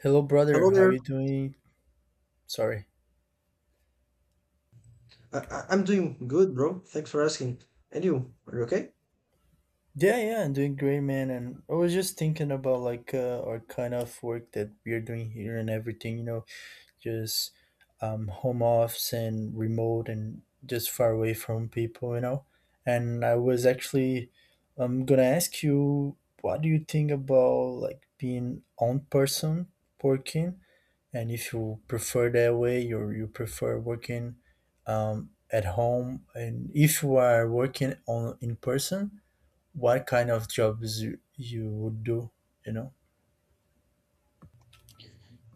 Hello, brother. Hello How are there. you doing? Sorry. I'm doing good, bro. Thanks for asking. And you, are you okay? Yeah, I'm doing great, man. And I was just thinking about our kind of work that we are doing here and everything. You know, just Home office and remote and just far away from people. You know, and I was actually I'm gonna ask you, what do you think about like being on person working? And if you prefer that way, you prefer working at home. And if you are working on in person, what kind of jobs you would do? You know.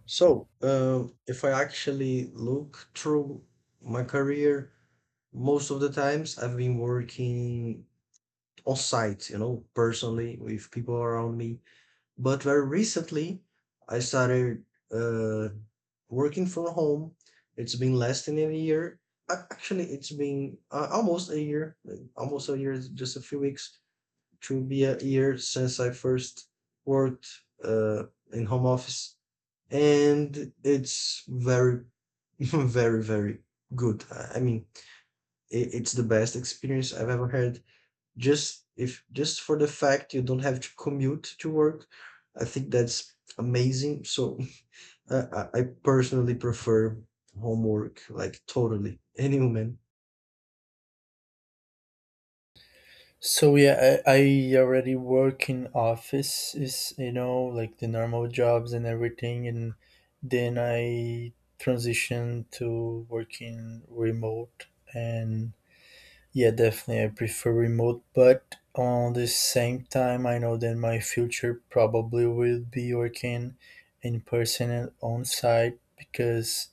If I actually look through my career, most of the times I've been working on site, you know, personally with people around me. But very recently, I started uh, working from home. It's been less than a year. Actually, it's been almost a year, like, almost a year, just a few weeks to be a year since I first worked uh, in home office, and it's very, very good. I mean, it's the best experience I've ever had. Just if just for the fact you don't have to commute to work, I think that's amazing. So uh, I personally prefer homework like totally any woman. So yeah, I already work in offices, you know, like the normal jobs and everything, and then I transitioned to working remote and yeah, definitely. I prefer remote, but on the same time, I know that my future probably will be working in person and on site because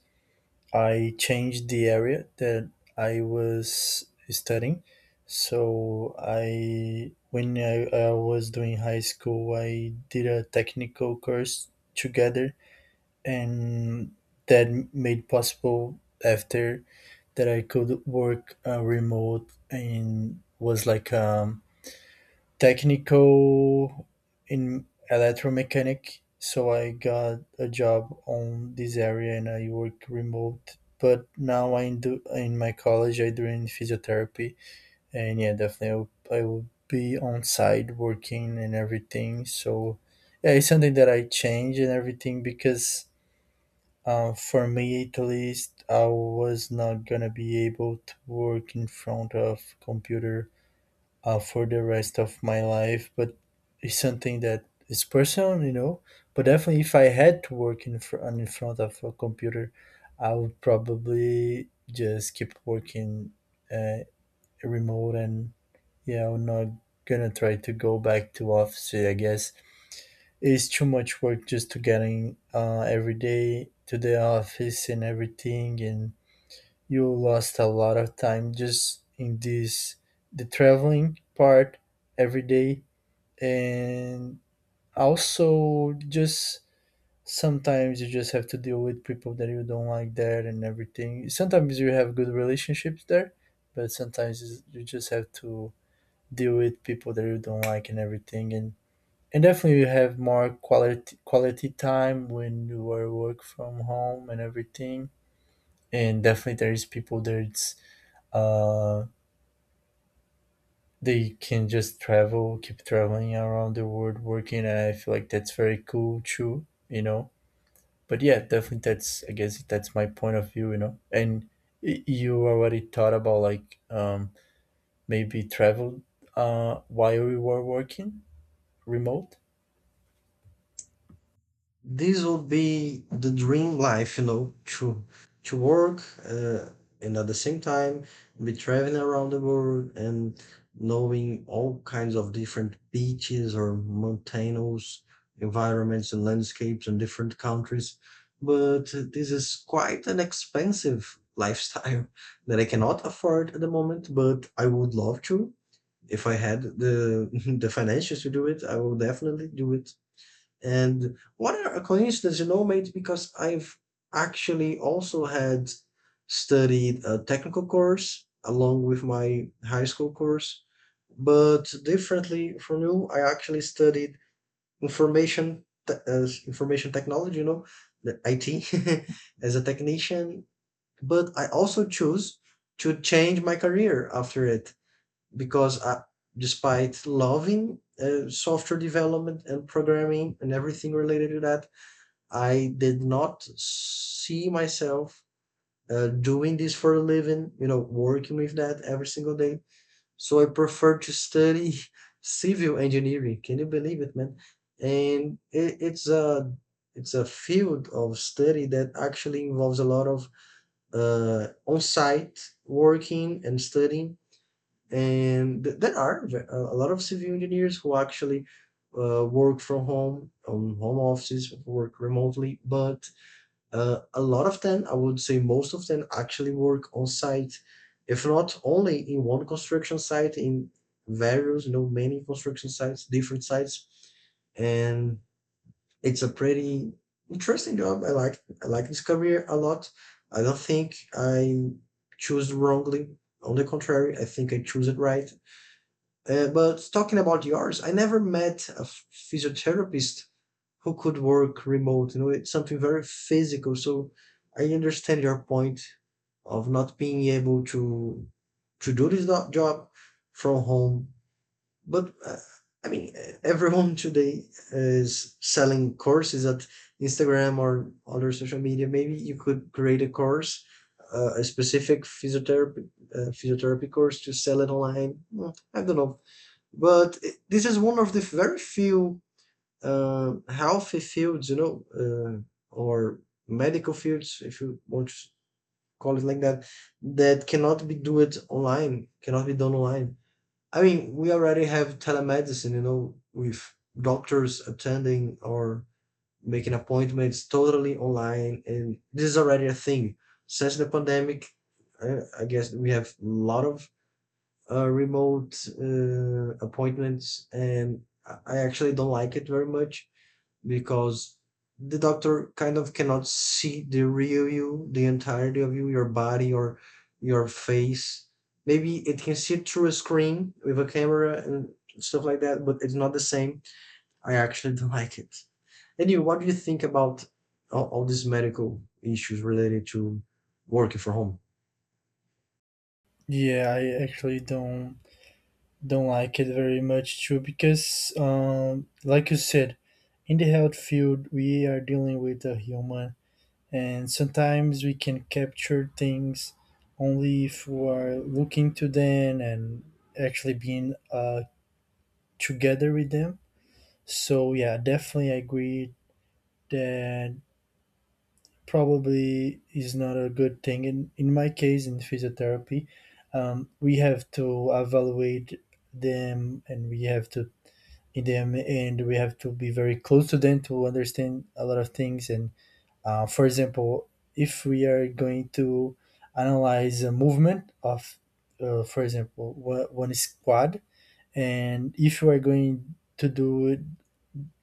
I changed the area that I was studying. So when I was doing high school, I did a technical course together, and that made possible after that I could work remote and was technical in electromechanic. So I got a job on this area and I work remote. But now I do in my college I doing physiotherapy and yeah, definitely I will be on site working and everything. So yeah, it's something that I change and everything because for me, at least, I was not gonna be able to work in front of computer for the rest of my life. But it's something that is personal, you know. But definitely, if I had to work in in front of a computer, I would probably just keep working uh, remote, and yeah, I'm not gonna try to go back to office. I guess it's too much work just to getting every day to the office and everything, and you lost a lot of time just in this the traveling part every day, and also just sometimes you just have to deal with people that you don't like there and everything. Sometimes you have good relationships there, but you just have to deal with people that you don't like and everything, and definitely you have more quality time when you are work from home and everything. And definitely there is people that's uh they can just travel, keep traveling around the world working and I feel like that's very cool too, you know. But yeah, definitely that's I guess that's my point of view, you know. And you already thought about maybe travel while we were working remote? This would be the dream life, you know, to to work uh, and at the same time be traveling around the world and knowing all kinds of different beaches or mountainous environments and landscapes in different countries. But this is quite an expensive lifestyle that I cannot afford at the moment, but I would love to. If I had the the finances to do it, I will definitely do it. And what a coincidence, you know, mate, because I've actually also had studied a technical course along with my high school course, but differently from you, I actually studied as information technology, you know, the IT as a technician, but I also choose to change my career after it because despite loving software development and programming and everything related to that, I did not see myself doing this for a living, you know, working with that every single day. So I prefer to study civil engineering. Can you believe it, man? And it's a field of study that actually involves a lot of on-site working and studying and a lot of civil engineers who actually work from home on home offices work remotely but a lot of them, I would say most of them, actually work on site, if not only in one construction site, in various, you know, many construction sites, different sites. And it's a pretty interesting job. I like this career a lot. I don't think I choose wrongly. On the contrary, I think I choose it right. But talking about yours, I never met a physiotherapist who could work remote. You know, it's something very physical. So I understand your point of not being able to do this job from home. But I mean, everyone today is selling courses at Instagram or other social media. Maybe you could create a course, a specific physiotherapy course to sell it online. I don't know. But this is one of the very few healthy fields, you know, or medical fields, if you want to call it like that, that cannot be do it online, cannot be done online. I mean, we already have telemedicine, you know, with doctors attending or making appointments totally online, and this is already a thing. Since the pandemic, I guess we have a lot of remote appointments, and actually don't like it very much because the doctor kind of cannot see the real you, the entirety of you, your body or your face. Maybe it can see it through a screen with a camera and stuff like that, but it's not the same. I actually don't like it. And you, what do you think about all these medical issues related to working from home? Yeah, I actually don't like it very much too because like you said in the health field we are dealing with a human and sometimes we can capture things only if we are looking to them and actually being together with them so yeah, definitely agree that probably is not a good thing in my case in physiotherapy. We have to evaluate them and we have to in them and we have to be very close to them to understand a lot of things and for example if we are going to analyze a movement of for example one squad and if we are going to do it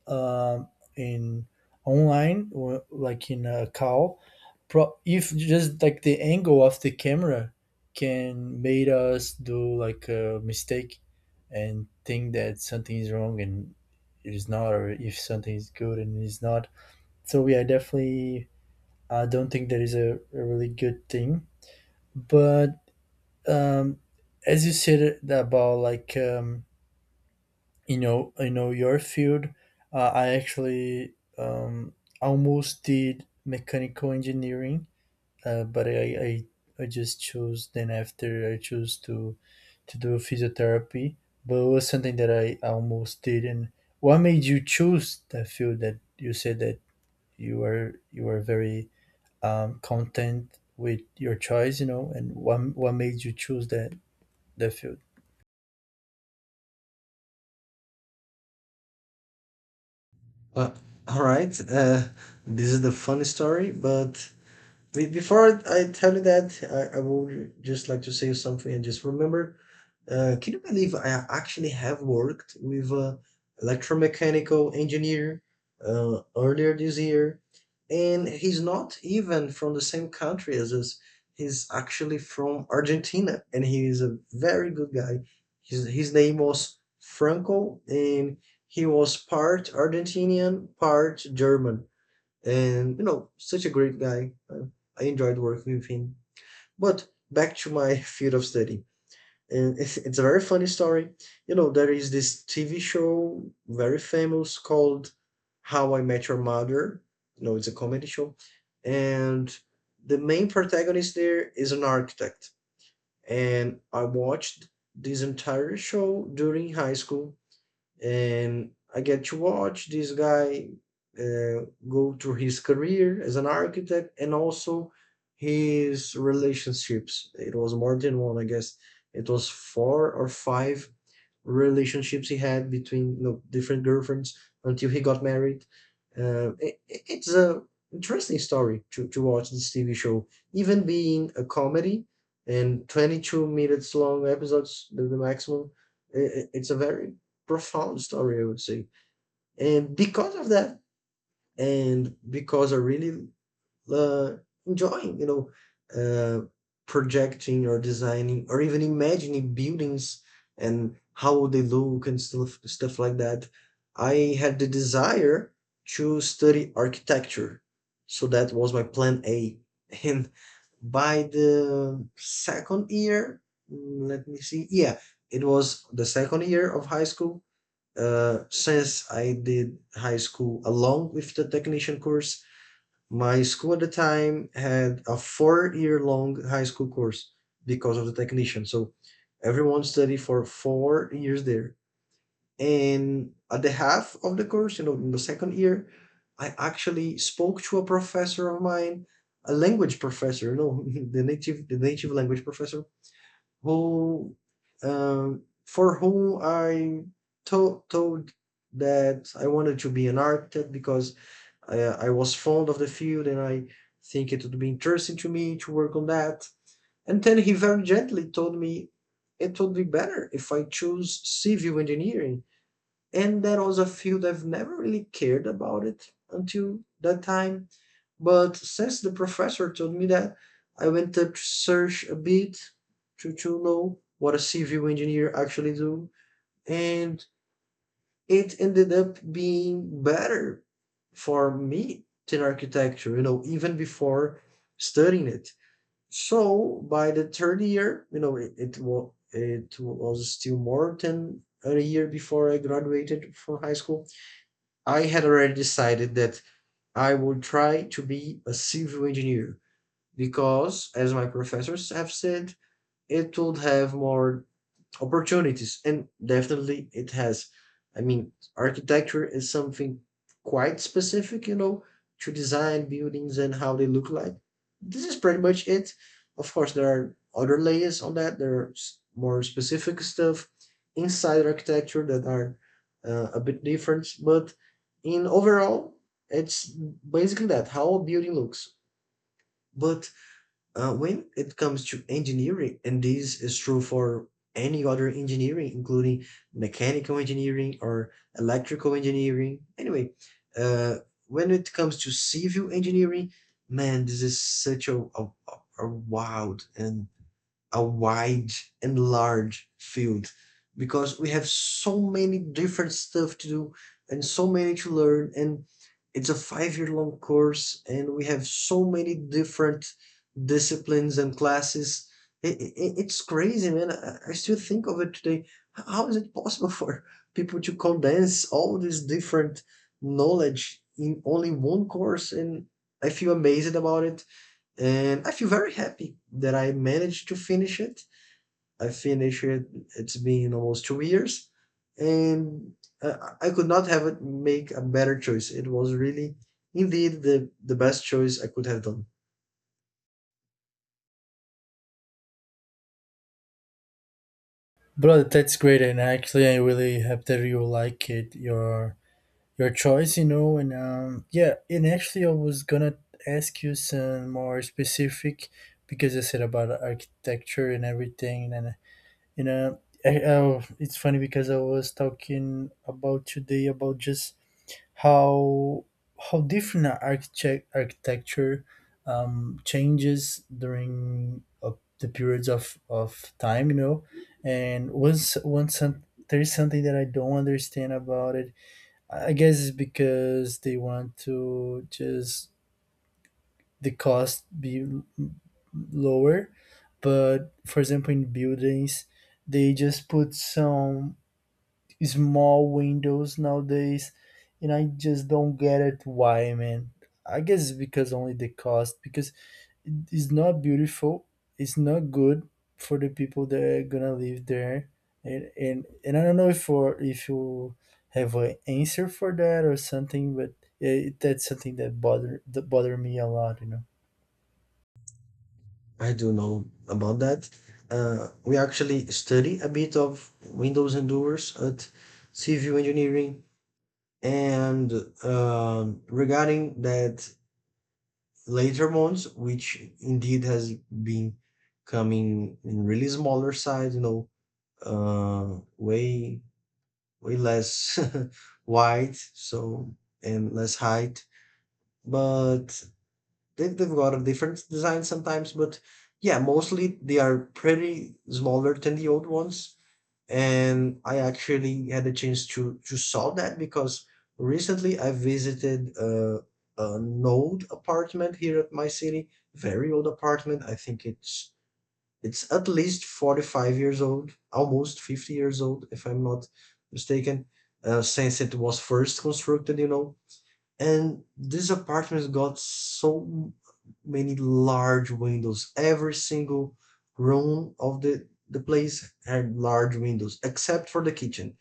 um, in online or like in a call pro if just like the angle of the camera can made us do like a mistake and think that something is wrong and it is not or if something is good and it is not. So yeah, definitely I don't think that is a really good thing but um as you said about you know, you know your field. I actually almost did mechanical engineering, but I I just chose then after I chose to do physiotherapy, but it was something that I almost did. And what made you choose that field? That you said that you were very content with your choice, you know. And what made you choose that field? Uh, all right, this is the funny story, but before I tell you that, I would just like to say something and just remember. Can you believe I actually have worked with a electromechanical engineer earlier this year, and he's not even from the same country as us. He's actually from Argentina, and he is a very good guy. His name was Franco, and he was part Argentinian, part German, and you know, such a great guy. I enjoyed working with him, but back to my field of study. And it's a very funny story. You know, there is this TV show very famous called How I Met Your Mother. You know, it's a comedy show. And the main protagonist there is an architect, and I watched this entire show during high school, and I get to watch this guy go through his career as an architect and also his relationships. It was more than one, I guess. It was four or five relationships he had between, you know, different girlfriends until he got married. It's a interesting story to watch this TV show, even being a comedy and 22 minutes long episodes, the maximum. I It's a very profound story, I would say. And because of that, and because I really uh, enjoying, you know, uh, projecting or designing or even imagining buildings and how would they look and stuff like that, I had the desire to study architecture. So that was my plan A. And by the second year, let me see, yeah, it was the second year of high school, since I did high school along with the technician course, my school at the time had a 4 year long high school course because of the technician. So everyone studied for 4 years there. And at the half of the course, you know, in the second year, I actually spoke to a professor of mine, a language professor, you know, the native language professor who for whom I told that I wanted to be an architect because I was fond of the field and I think it would be interesting to me to work on that. And then he very gently told me it would be better if I choose civil engineering, and that was a field I've never really cared about it until that time. But since the professor told me that, I went up to search a bit to know what a civil engineer actually do, and it ended up being better for me than architecture. You know, even before studying it. So by the third year, you know, it was still more than a year before I graduated from high school. I had already decided that I would try to be a civil engineer because, as my professors have said, it would have more opportunities, and definitely it has. I mean, architecture is something quite specific, you know, to design buildings and how they look like. This is pretty much it. Of course, there are other layers on that. There are more specific stuff inside architecture that are a bit different, but in overall, it's basically that, how a building looks. But when it comes to engineering, and this is true for any other engineering, including mechanical engineering or electrical engineering, anyway, uh, when it comes to civil engineering, man, this is such a wild and a wide and large field, because we have so many different stuff to do and so many to learn, and it's a 5 year long course and we have so many different disciplines and classes. It's crazy, man. I still think of it today, how is it possible for people to condense all this different knowledge in only one course, and I feel amazed about it. And I feel very happy that I managed to finish it. I finished it. It's been almost 2 years, and I could not have it make a better choice. It was really, indeed, the best choice I could have done. Brother, that's great, and actually, I really hope that you like it. Your choice, you know, and yeah, and actually, I was gonna ask you some more specific because I said about architecture and everything, and you know, it's funny because I was talking about today about just how how different architecture changes during the periods of time, you know, and there is something that I don't understand about it. I guess it's because they want to just the cost be lower. But for example, in buildings, they just put some small windows nowadays, and I just don't get it why, man. I guess it's because only the cost. Because it's not beautiful. It's not good for the people that are gonna live there. And I don't know if for if you have an answer for that or something, but that's something that bother me a lot. You know. I do know about that. We actually study a bit of Windows Endures at Civil Engineering, and um, regarding that later ones, which indeed has been coming in really smaller size, you know, way way less wide, so and less height. But they've got a different design sometimes, but yeah, mostly they are pretty smaller than the old ones. And I actually had a chance to solve that because recently I visited a an old apartment here at my city, very old apartment. I think it's at least 45 years old, almost 50 years old, if I'm not mistaken, since it was first constructed, you know. And these apartments got so many large windows. Every single room of the place had large windows except for the kitchen,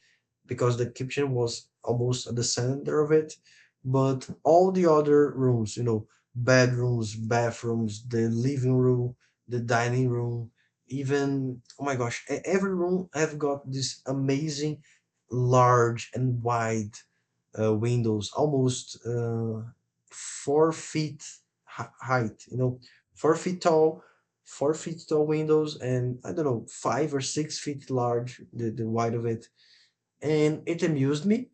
because the kitchen was almost at the center of it. But all the other rooms, you know, bedrooms, bathrooms, the living room, the dining room, even oh my gosh, every room have got this amazing, large and wide windows, almost 4 feet height. You know, 4 feet tall, 4 feet tall windows, and I don't know, 5 or 6 feet large, the wide of it and it amused me.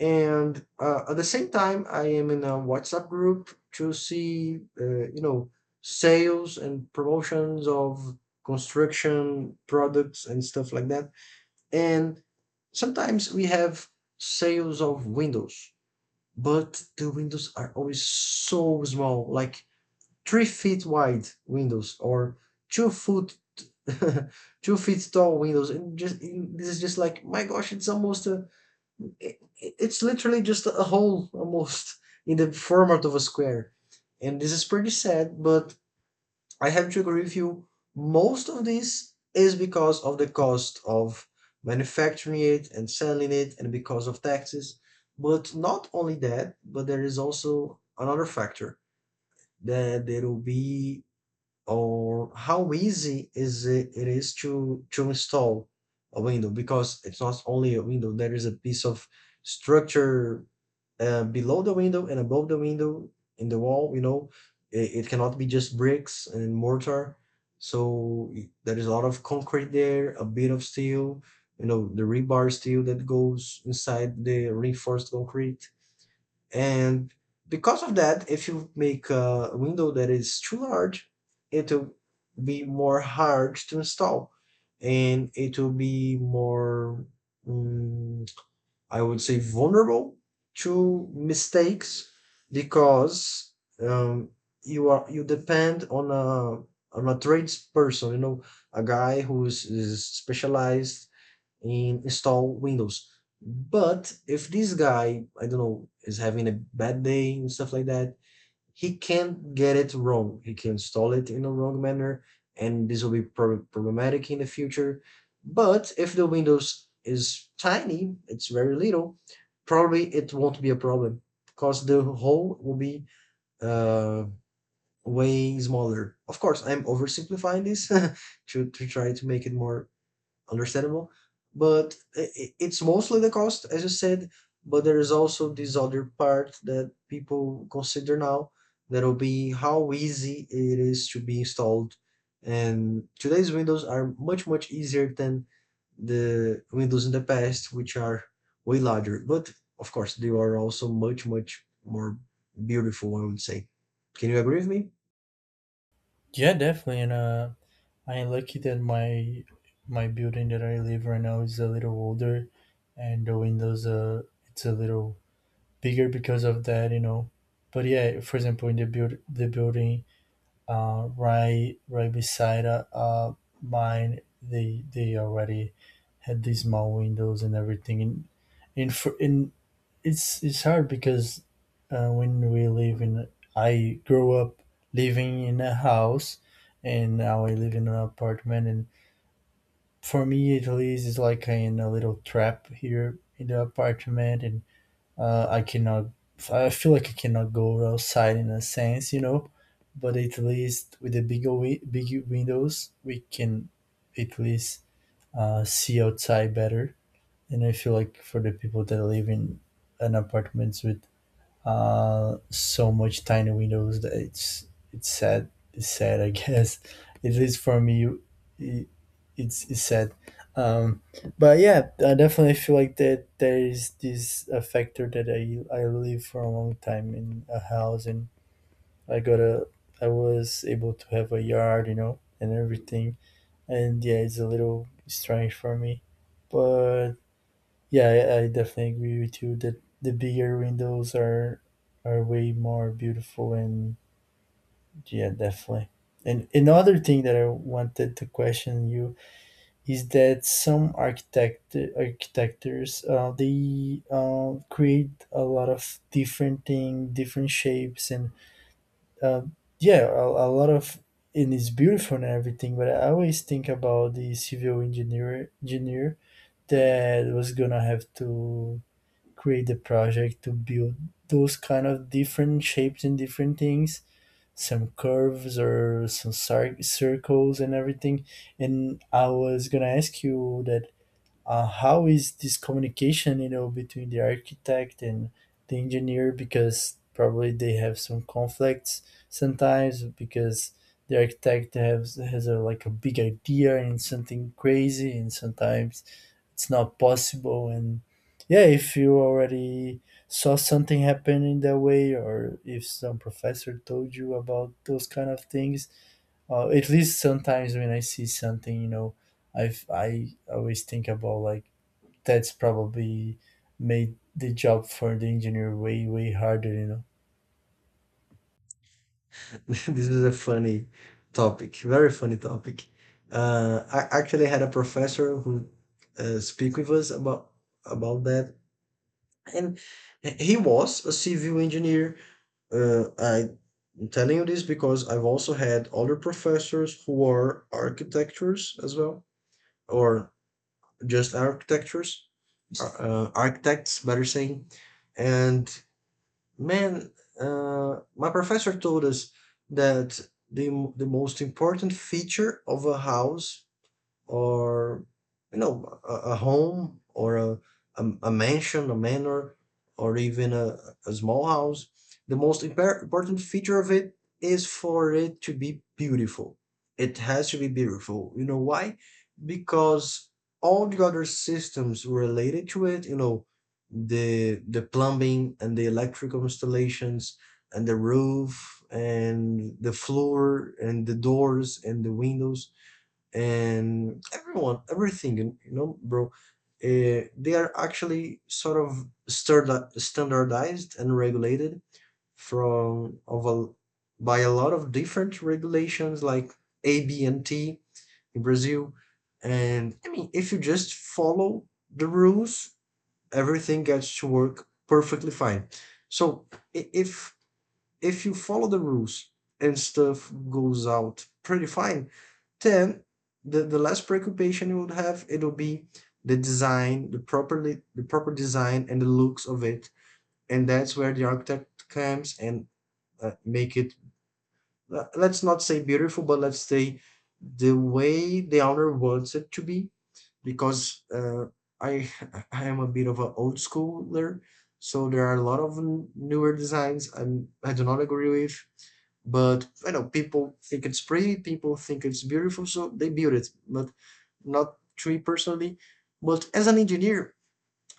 And at the same time, I am in a WhatsApp group to see, you know, sales and promotions of construction products and stuff like that. And sometimes we have sales of windows, but the windows are always so small, like 3 feet wide windows or 2 foot, 2 feet tall windows. And just this is just like, my gosh, it's almost it's literally just a hole almost in the format of a square. And this is pretty sad, but I have to agree with you. Most of this is because of the cost of manufacturing it and selling it and because of taxes. But not only that, but there is also another factor that there will be or how easy it is to install a window, because it's not only a window. There is a piece of structure below the window and above the window in the wall, you know, it cannot be just bricks and mortar. So there is a lot of concrete there, a bit of steel, you know, the rebar steel that goes inside the reinforced concrete. And because of that, if you make a window that is too large, it will be more hard to install, and it will be more mm, I would say, vulnerable to mistakes, because um, you depend on a tradesperson, you know, a guy who is specialized in install Windows. But if this guy, I don't know, is having a bad day and stuff like that, he can get it wrong. He can install it in a wrong manner, and this will be problematic in the future. But if the Windows is tiny, it's very little, probably it won't be a problem because the hole will be uh, way smaller. Of course, I'm oversimplifying this to, try to make it more understandable. But it's mostly the cost, as you said, but there is also this other part that people consider now that'll be how easy it is to be installed. And today's windows are much, much easier than the windows in the past, which are way larger. But of course, they are also much, much more beautiful, I would say. Can you agree with me? Yeah, definitely. And I'm lucky that my building that I live right now is a little older, and the windows it's a little bigger because of that. You know. But yeah, for example, in the building right beside mine, they already had these small windows and everything. And and, for, and it's hard because when we live in I grew up living in a house and now I live in an apartment and for me at least it's like I in a little trap here in the apartment and I cannot. I feel like I cannot go outside in a sense, you know. But at least with the big windows, we can at least see outside better. And I feel like for the people that live in an apartments with so much tiny windows that it's sad. It's sad, I guess. At least for me, it, it's sad. Um, but yeah, I definitely feel like that there is this a factor that I live for a long time in a house and I got a I was able to have a yard, you know, and everything. And yeah, it's a little strange for me, but yeah, I definitely agree with you that the bigger windows are way more beautiful and yeah, definitely. And another thing that I wanted to question you is that some architectures they create a lot of different thing, different shapes, and uh, a lot of and it's beautiful and everything. But I always think about the civil engineer that was gonna have to create the project to build those kind of different shapes and different things, some curves or some circles and everything. And I was gonna ask you that, how is this communication, you know, between the architect and the engineer, because probably they have some conflicts sometimes because the architect has a like a big idea and something crazy and sometimes it's not possible. And yeah, if you already saw something happening that way or if some professor told you about those kind of things. At least sometimes when I see something, you know, I always think about like that's probably made the job for the engineer way harder, you know. This is a funny topic, very funny topic. I actually had a professor who speak with us about that, and he was a civil engineer. I'm telling you this because I've also had other professors who are architectures as well, or just architectures, architects, better saying, and man, my professor told us that the most important feature of a house or, you know, a home or a mansion, a manor, or even a small house, the most important feature of it is for it to be beautiful. It has to be beautiful. You know why? Because all the other systems related to it, you know, the plumbing and the electrical installations and the roof and the floor and the doors and the windows and everyone, everything, you know, bro, they are actually sort of standardized and regulated from of a, by a lot of different regulations like A, B, and T in Brazil. And I mean, if you just follow the rules, everything gets to work perfectly fine. So i- if if you follow the rules and stuff goes out pretty fine, then the less preoccupation you would have it'll be the design, the proper design and the looks of it, and that's where the architect comes and make it. Let's not say beautiful, but let's say the way the owner wants it to be, because I I am a bit of an old schooler, so there are a lot of newer designs I do not agree with, but you know, people think it's pretty, people think it's beautiful, so they build it. But not to me personally. But as an engineer,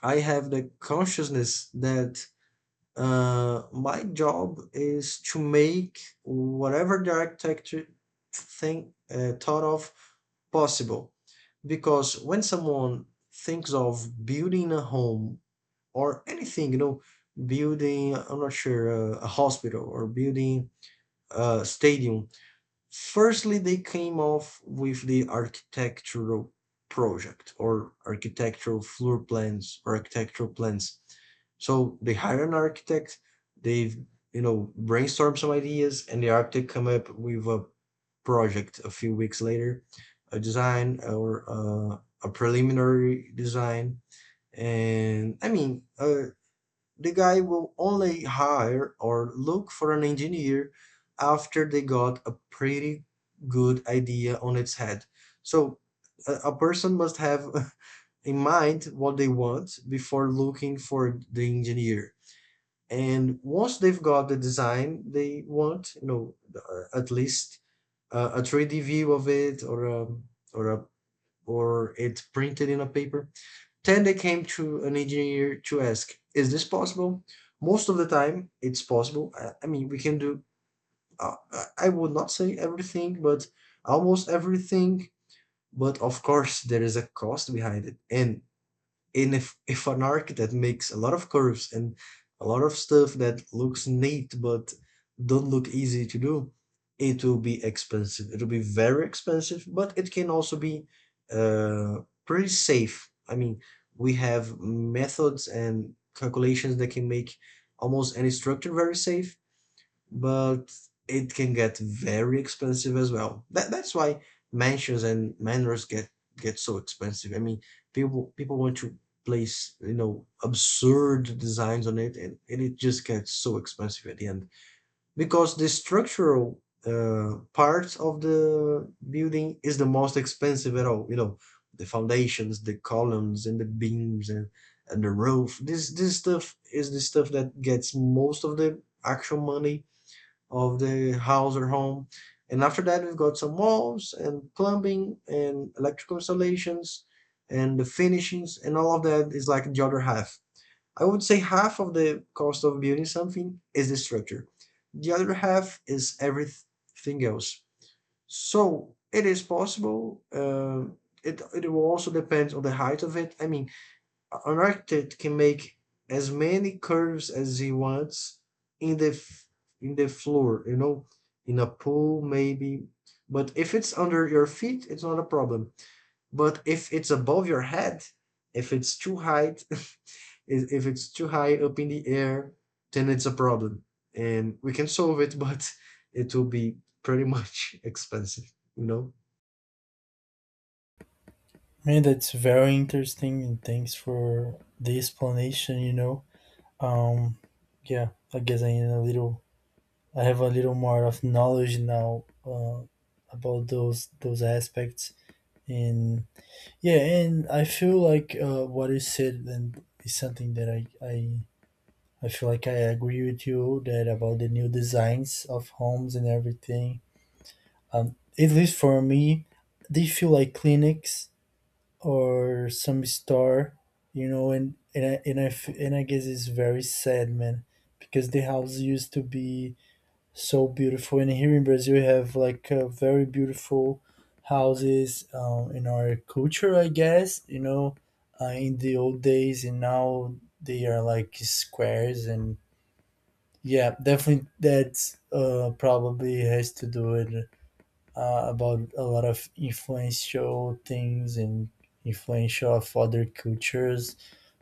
I have the consciousness that my job is to make whatever the architecture thing thought of possible. Because when someone thinks of building a home or anything, you know, building, I'm not sure, a hospital or building a stadium, firstly they came off with the architectural project or architectural floor plans or architectural plans. So they hire an architect. They've, you know, brainstorm some ideas and the architect come up with a project a few weeks later, a design or a preliminary design. And I mean, the guy will only hire or look for an engineer after they got a pretty good idea on its head. So a person must have in mind what they want before looking for the engineer. And once they've got the design they want, you know, at least a 3D view of it or or a, or it printed in a paper, then they came to an engineer to ask, is this possible? Most of the time, it's possible. I mean, we can do, I would not say everything, but almost everything. But of course, there is a cost behind it. And in if an arc that makes a lot of curves and a lot of stuff that looks neat but don't look easy to do, it will be expensive. It will be very expensive, but it can also be uh, pretty safe. I mean, we have methods and calculations that can make almost any structure very safe, but it can get very expensive as well. That's why mansions and manors get so expensive. I mean, people want to place, you know, absurd designs on it, and it just gets so expensive at the end, because the structural part of the building is the most expensive at all. You know, the foundations, the columns, and the beams, and the roof. This stuff is the stuff that gets most of the actual money of the house or home. And after that, we've got some walls and plumbing and electrical installations and the finishings, and all of that is like the other half. I would say half of the cost of building something is the structure. The other half is everything else. So it is possible. It will also depend on the height of it. I mean, an architect can make as many curves as he wants in the in the floor, you know, in a pool maybe. But if it's under your feet, it's not a problem. But if it's above your head, if it's too high, if it's too high up in the air, then it's a problem. And we can solve it, but it will be pretty much expensive, you know. Man, that's very interesting and thanks for the explanation, you know. um yeah, I guess I need a little I have a little more of knowledge now about those aspects, and yeah, and I feel like what you said and is something that I feel like I agree with you that about the new designs of homes and everything. At least for me, they feel like clinics or some store, you know, and I guess it's very sad, man, because the house used to be so beautiful. And here in Brazil, we have like very beautiful houses in our culture, I guess. You know, in the old days, and now they are like squares. And yeah, definitely that probably has to do with about a lot of influential things and influential of other cultures.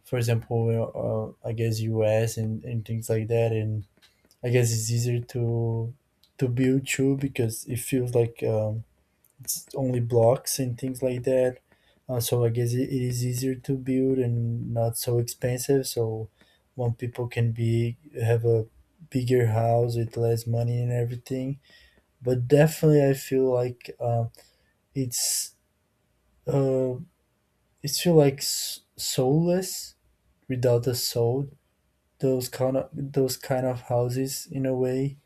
For example, I guess U.S. and things like that, and I guess it's easier to build too because it feels like it's only blocks and things like that. So I guess it is easier to build and not so expensive. So when people can be have a bigger house with less money and everything. But definitely, I feel like it's uh, it feel like soulless, without a soul. Those kind of houses in a way.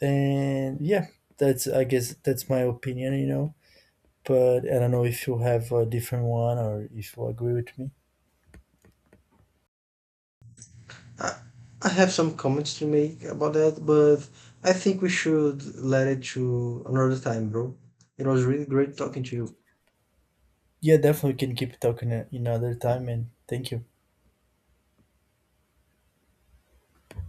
And yeah, that's I guess that's my opinion, you know, but I don't know if you have a different one or if you agree with me. I I have some comments to make about that, but I think we should let it to another time, bro. It was really great talking to you. Yeah, definitely we can keep talking another time, and thank you.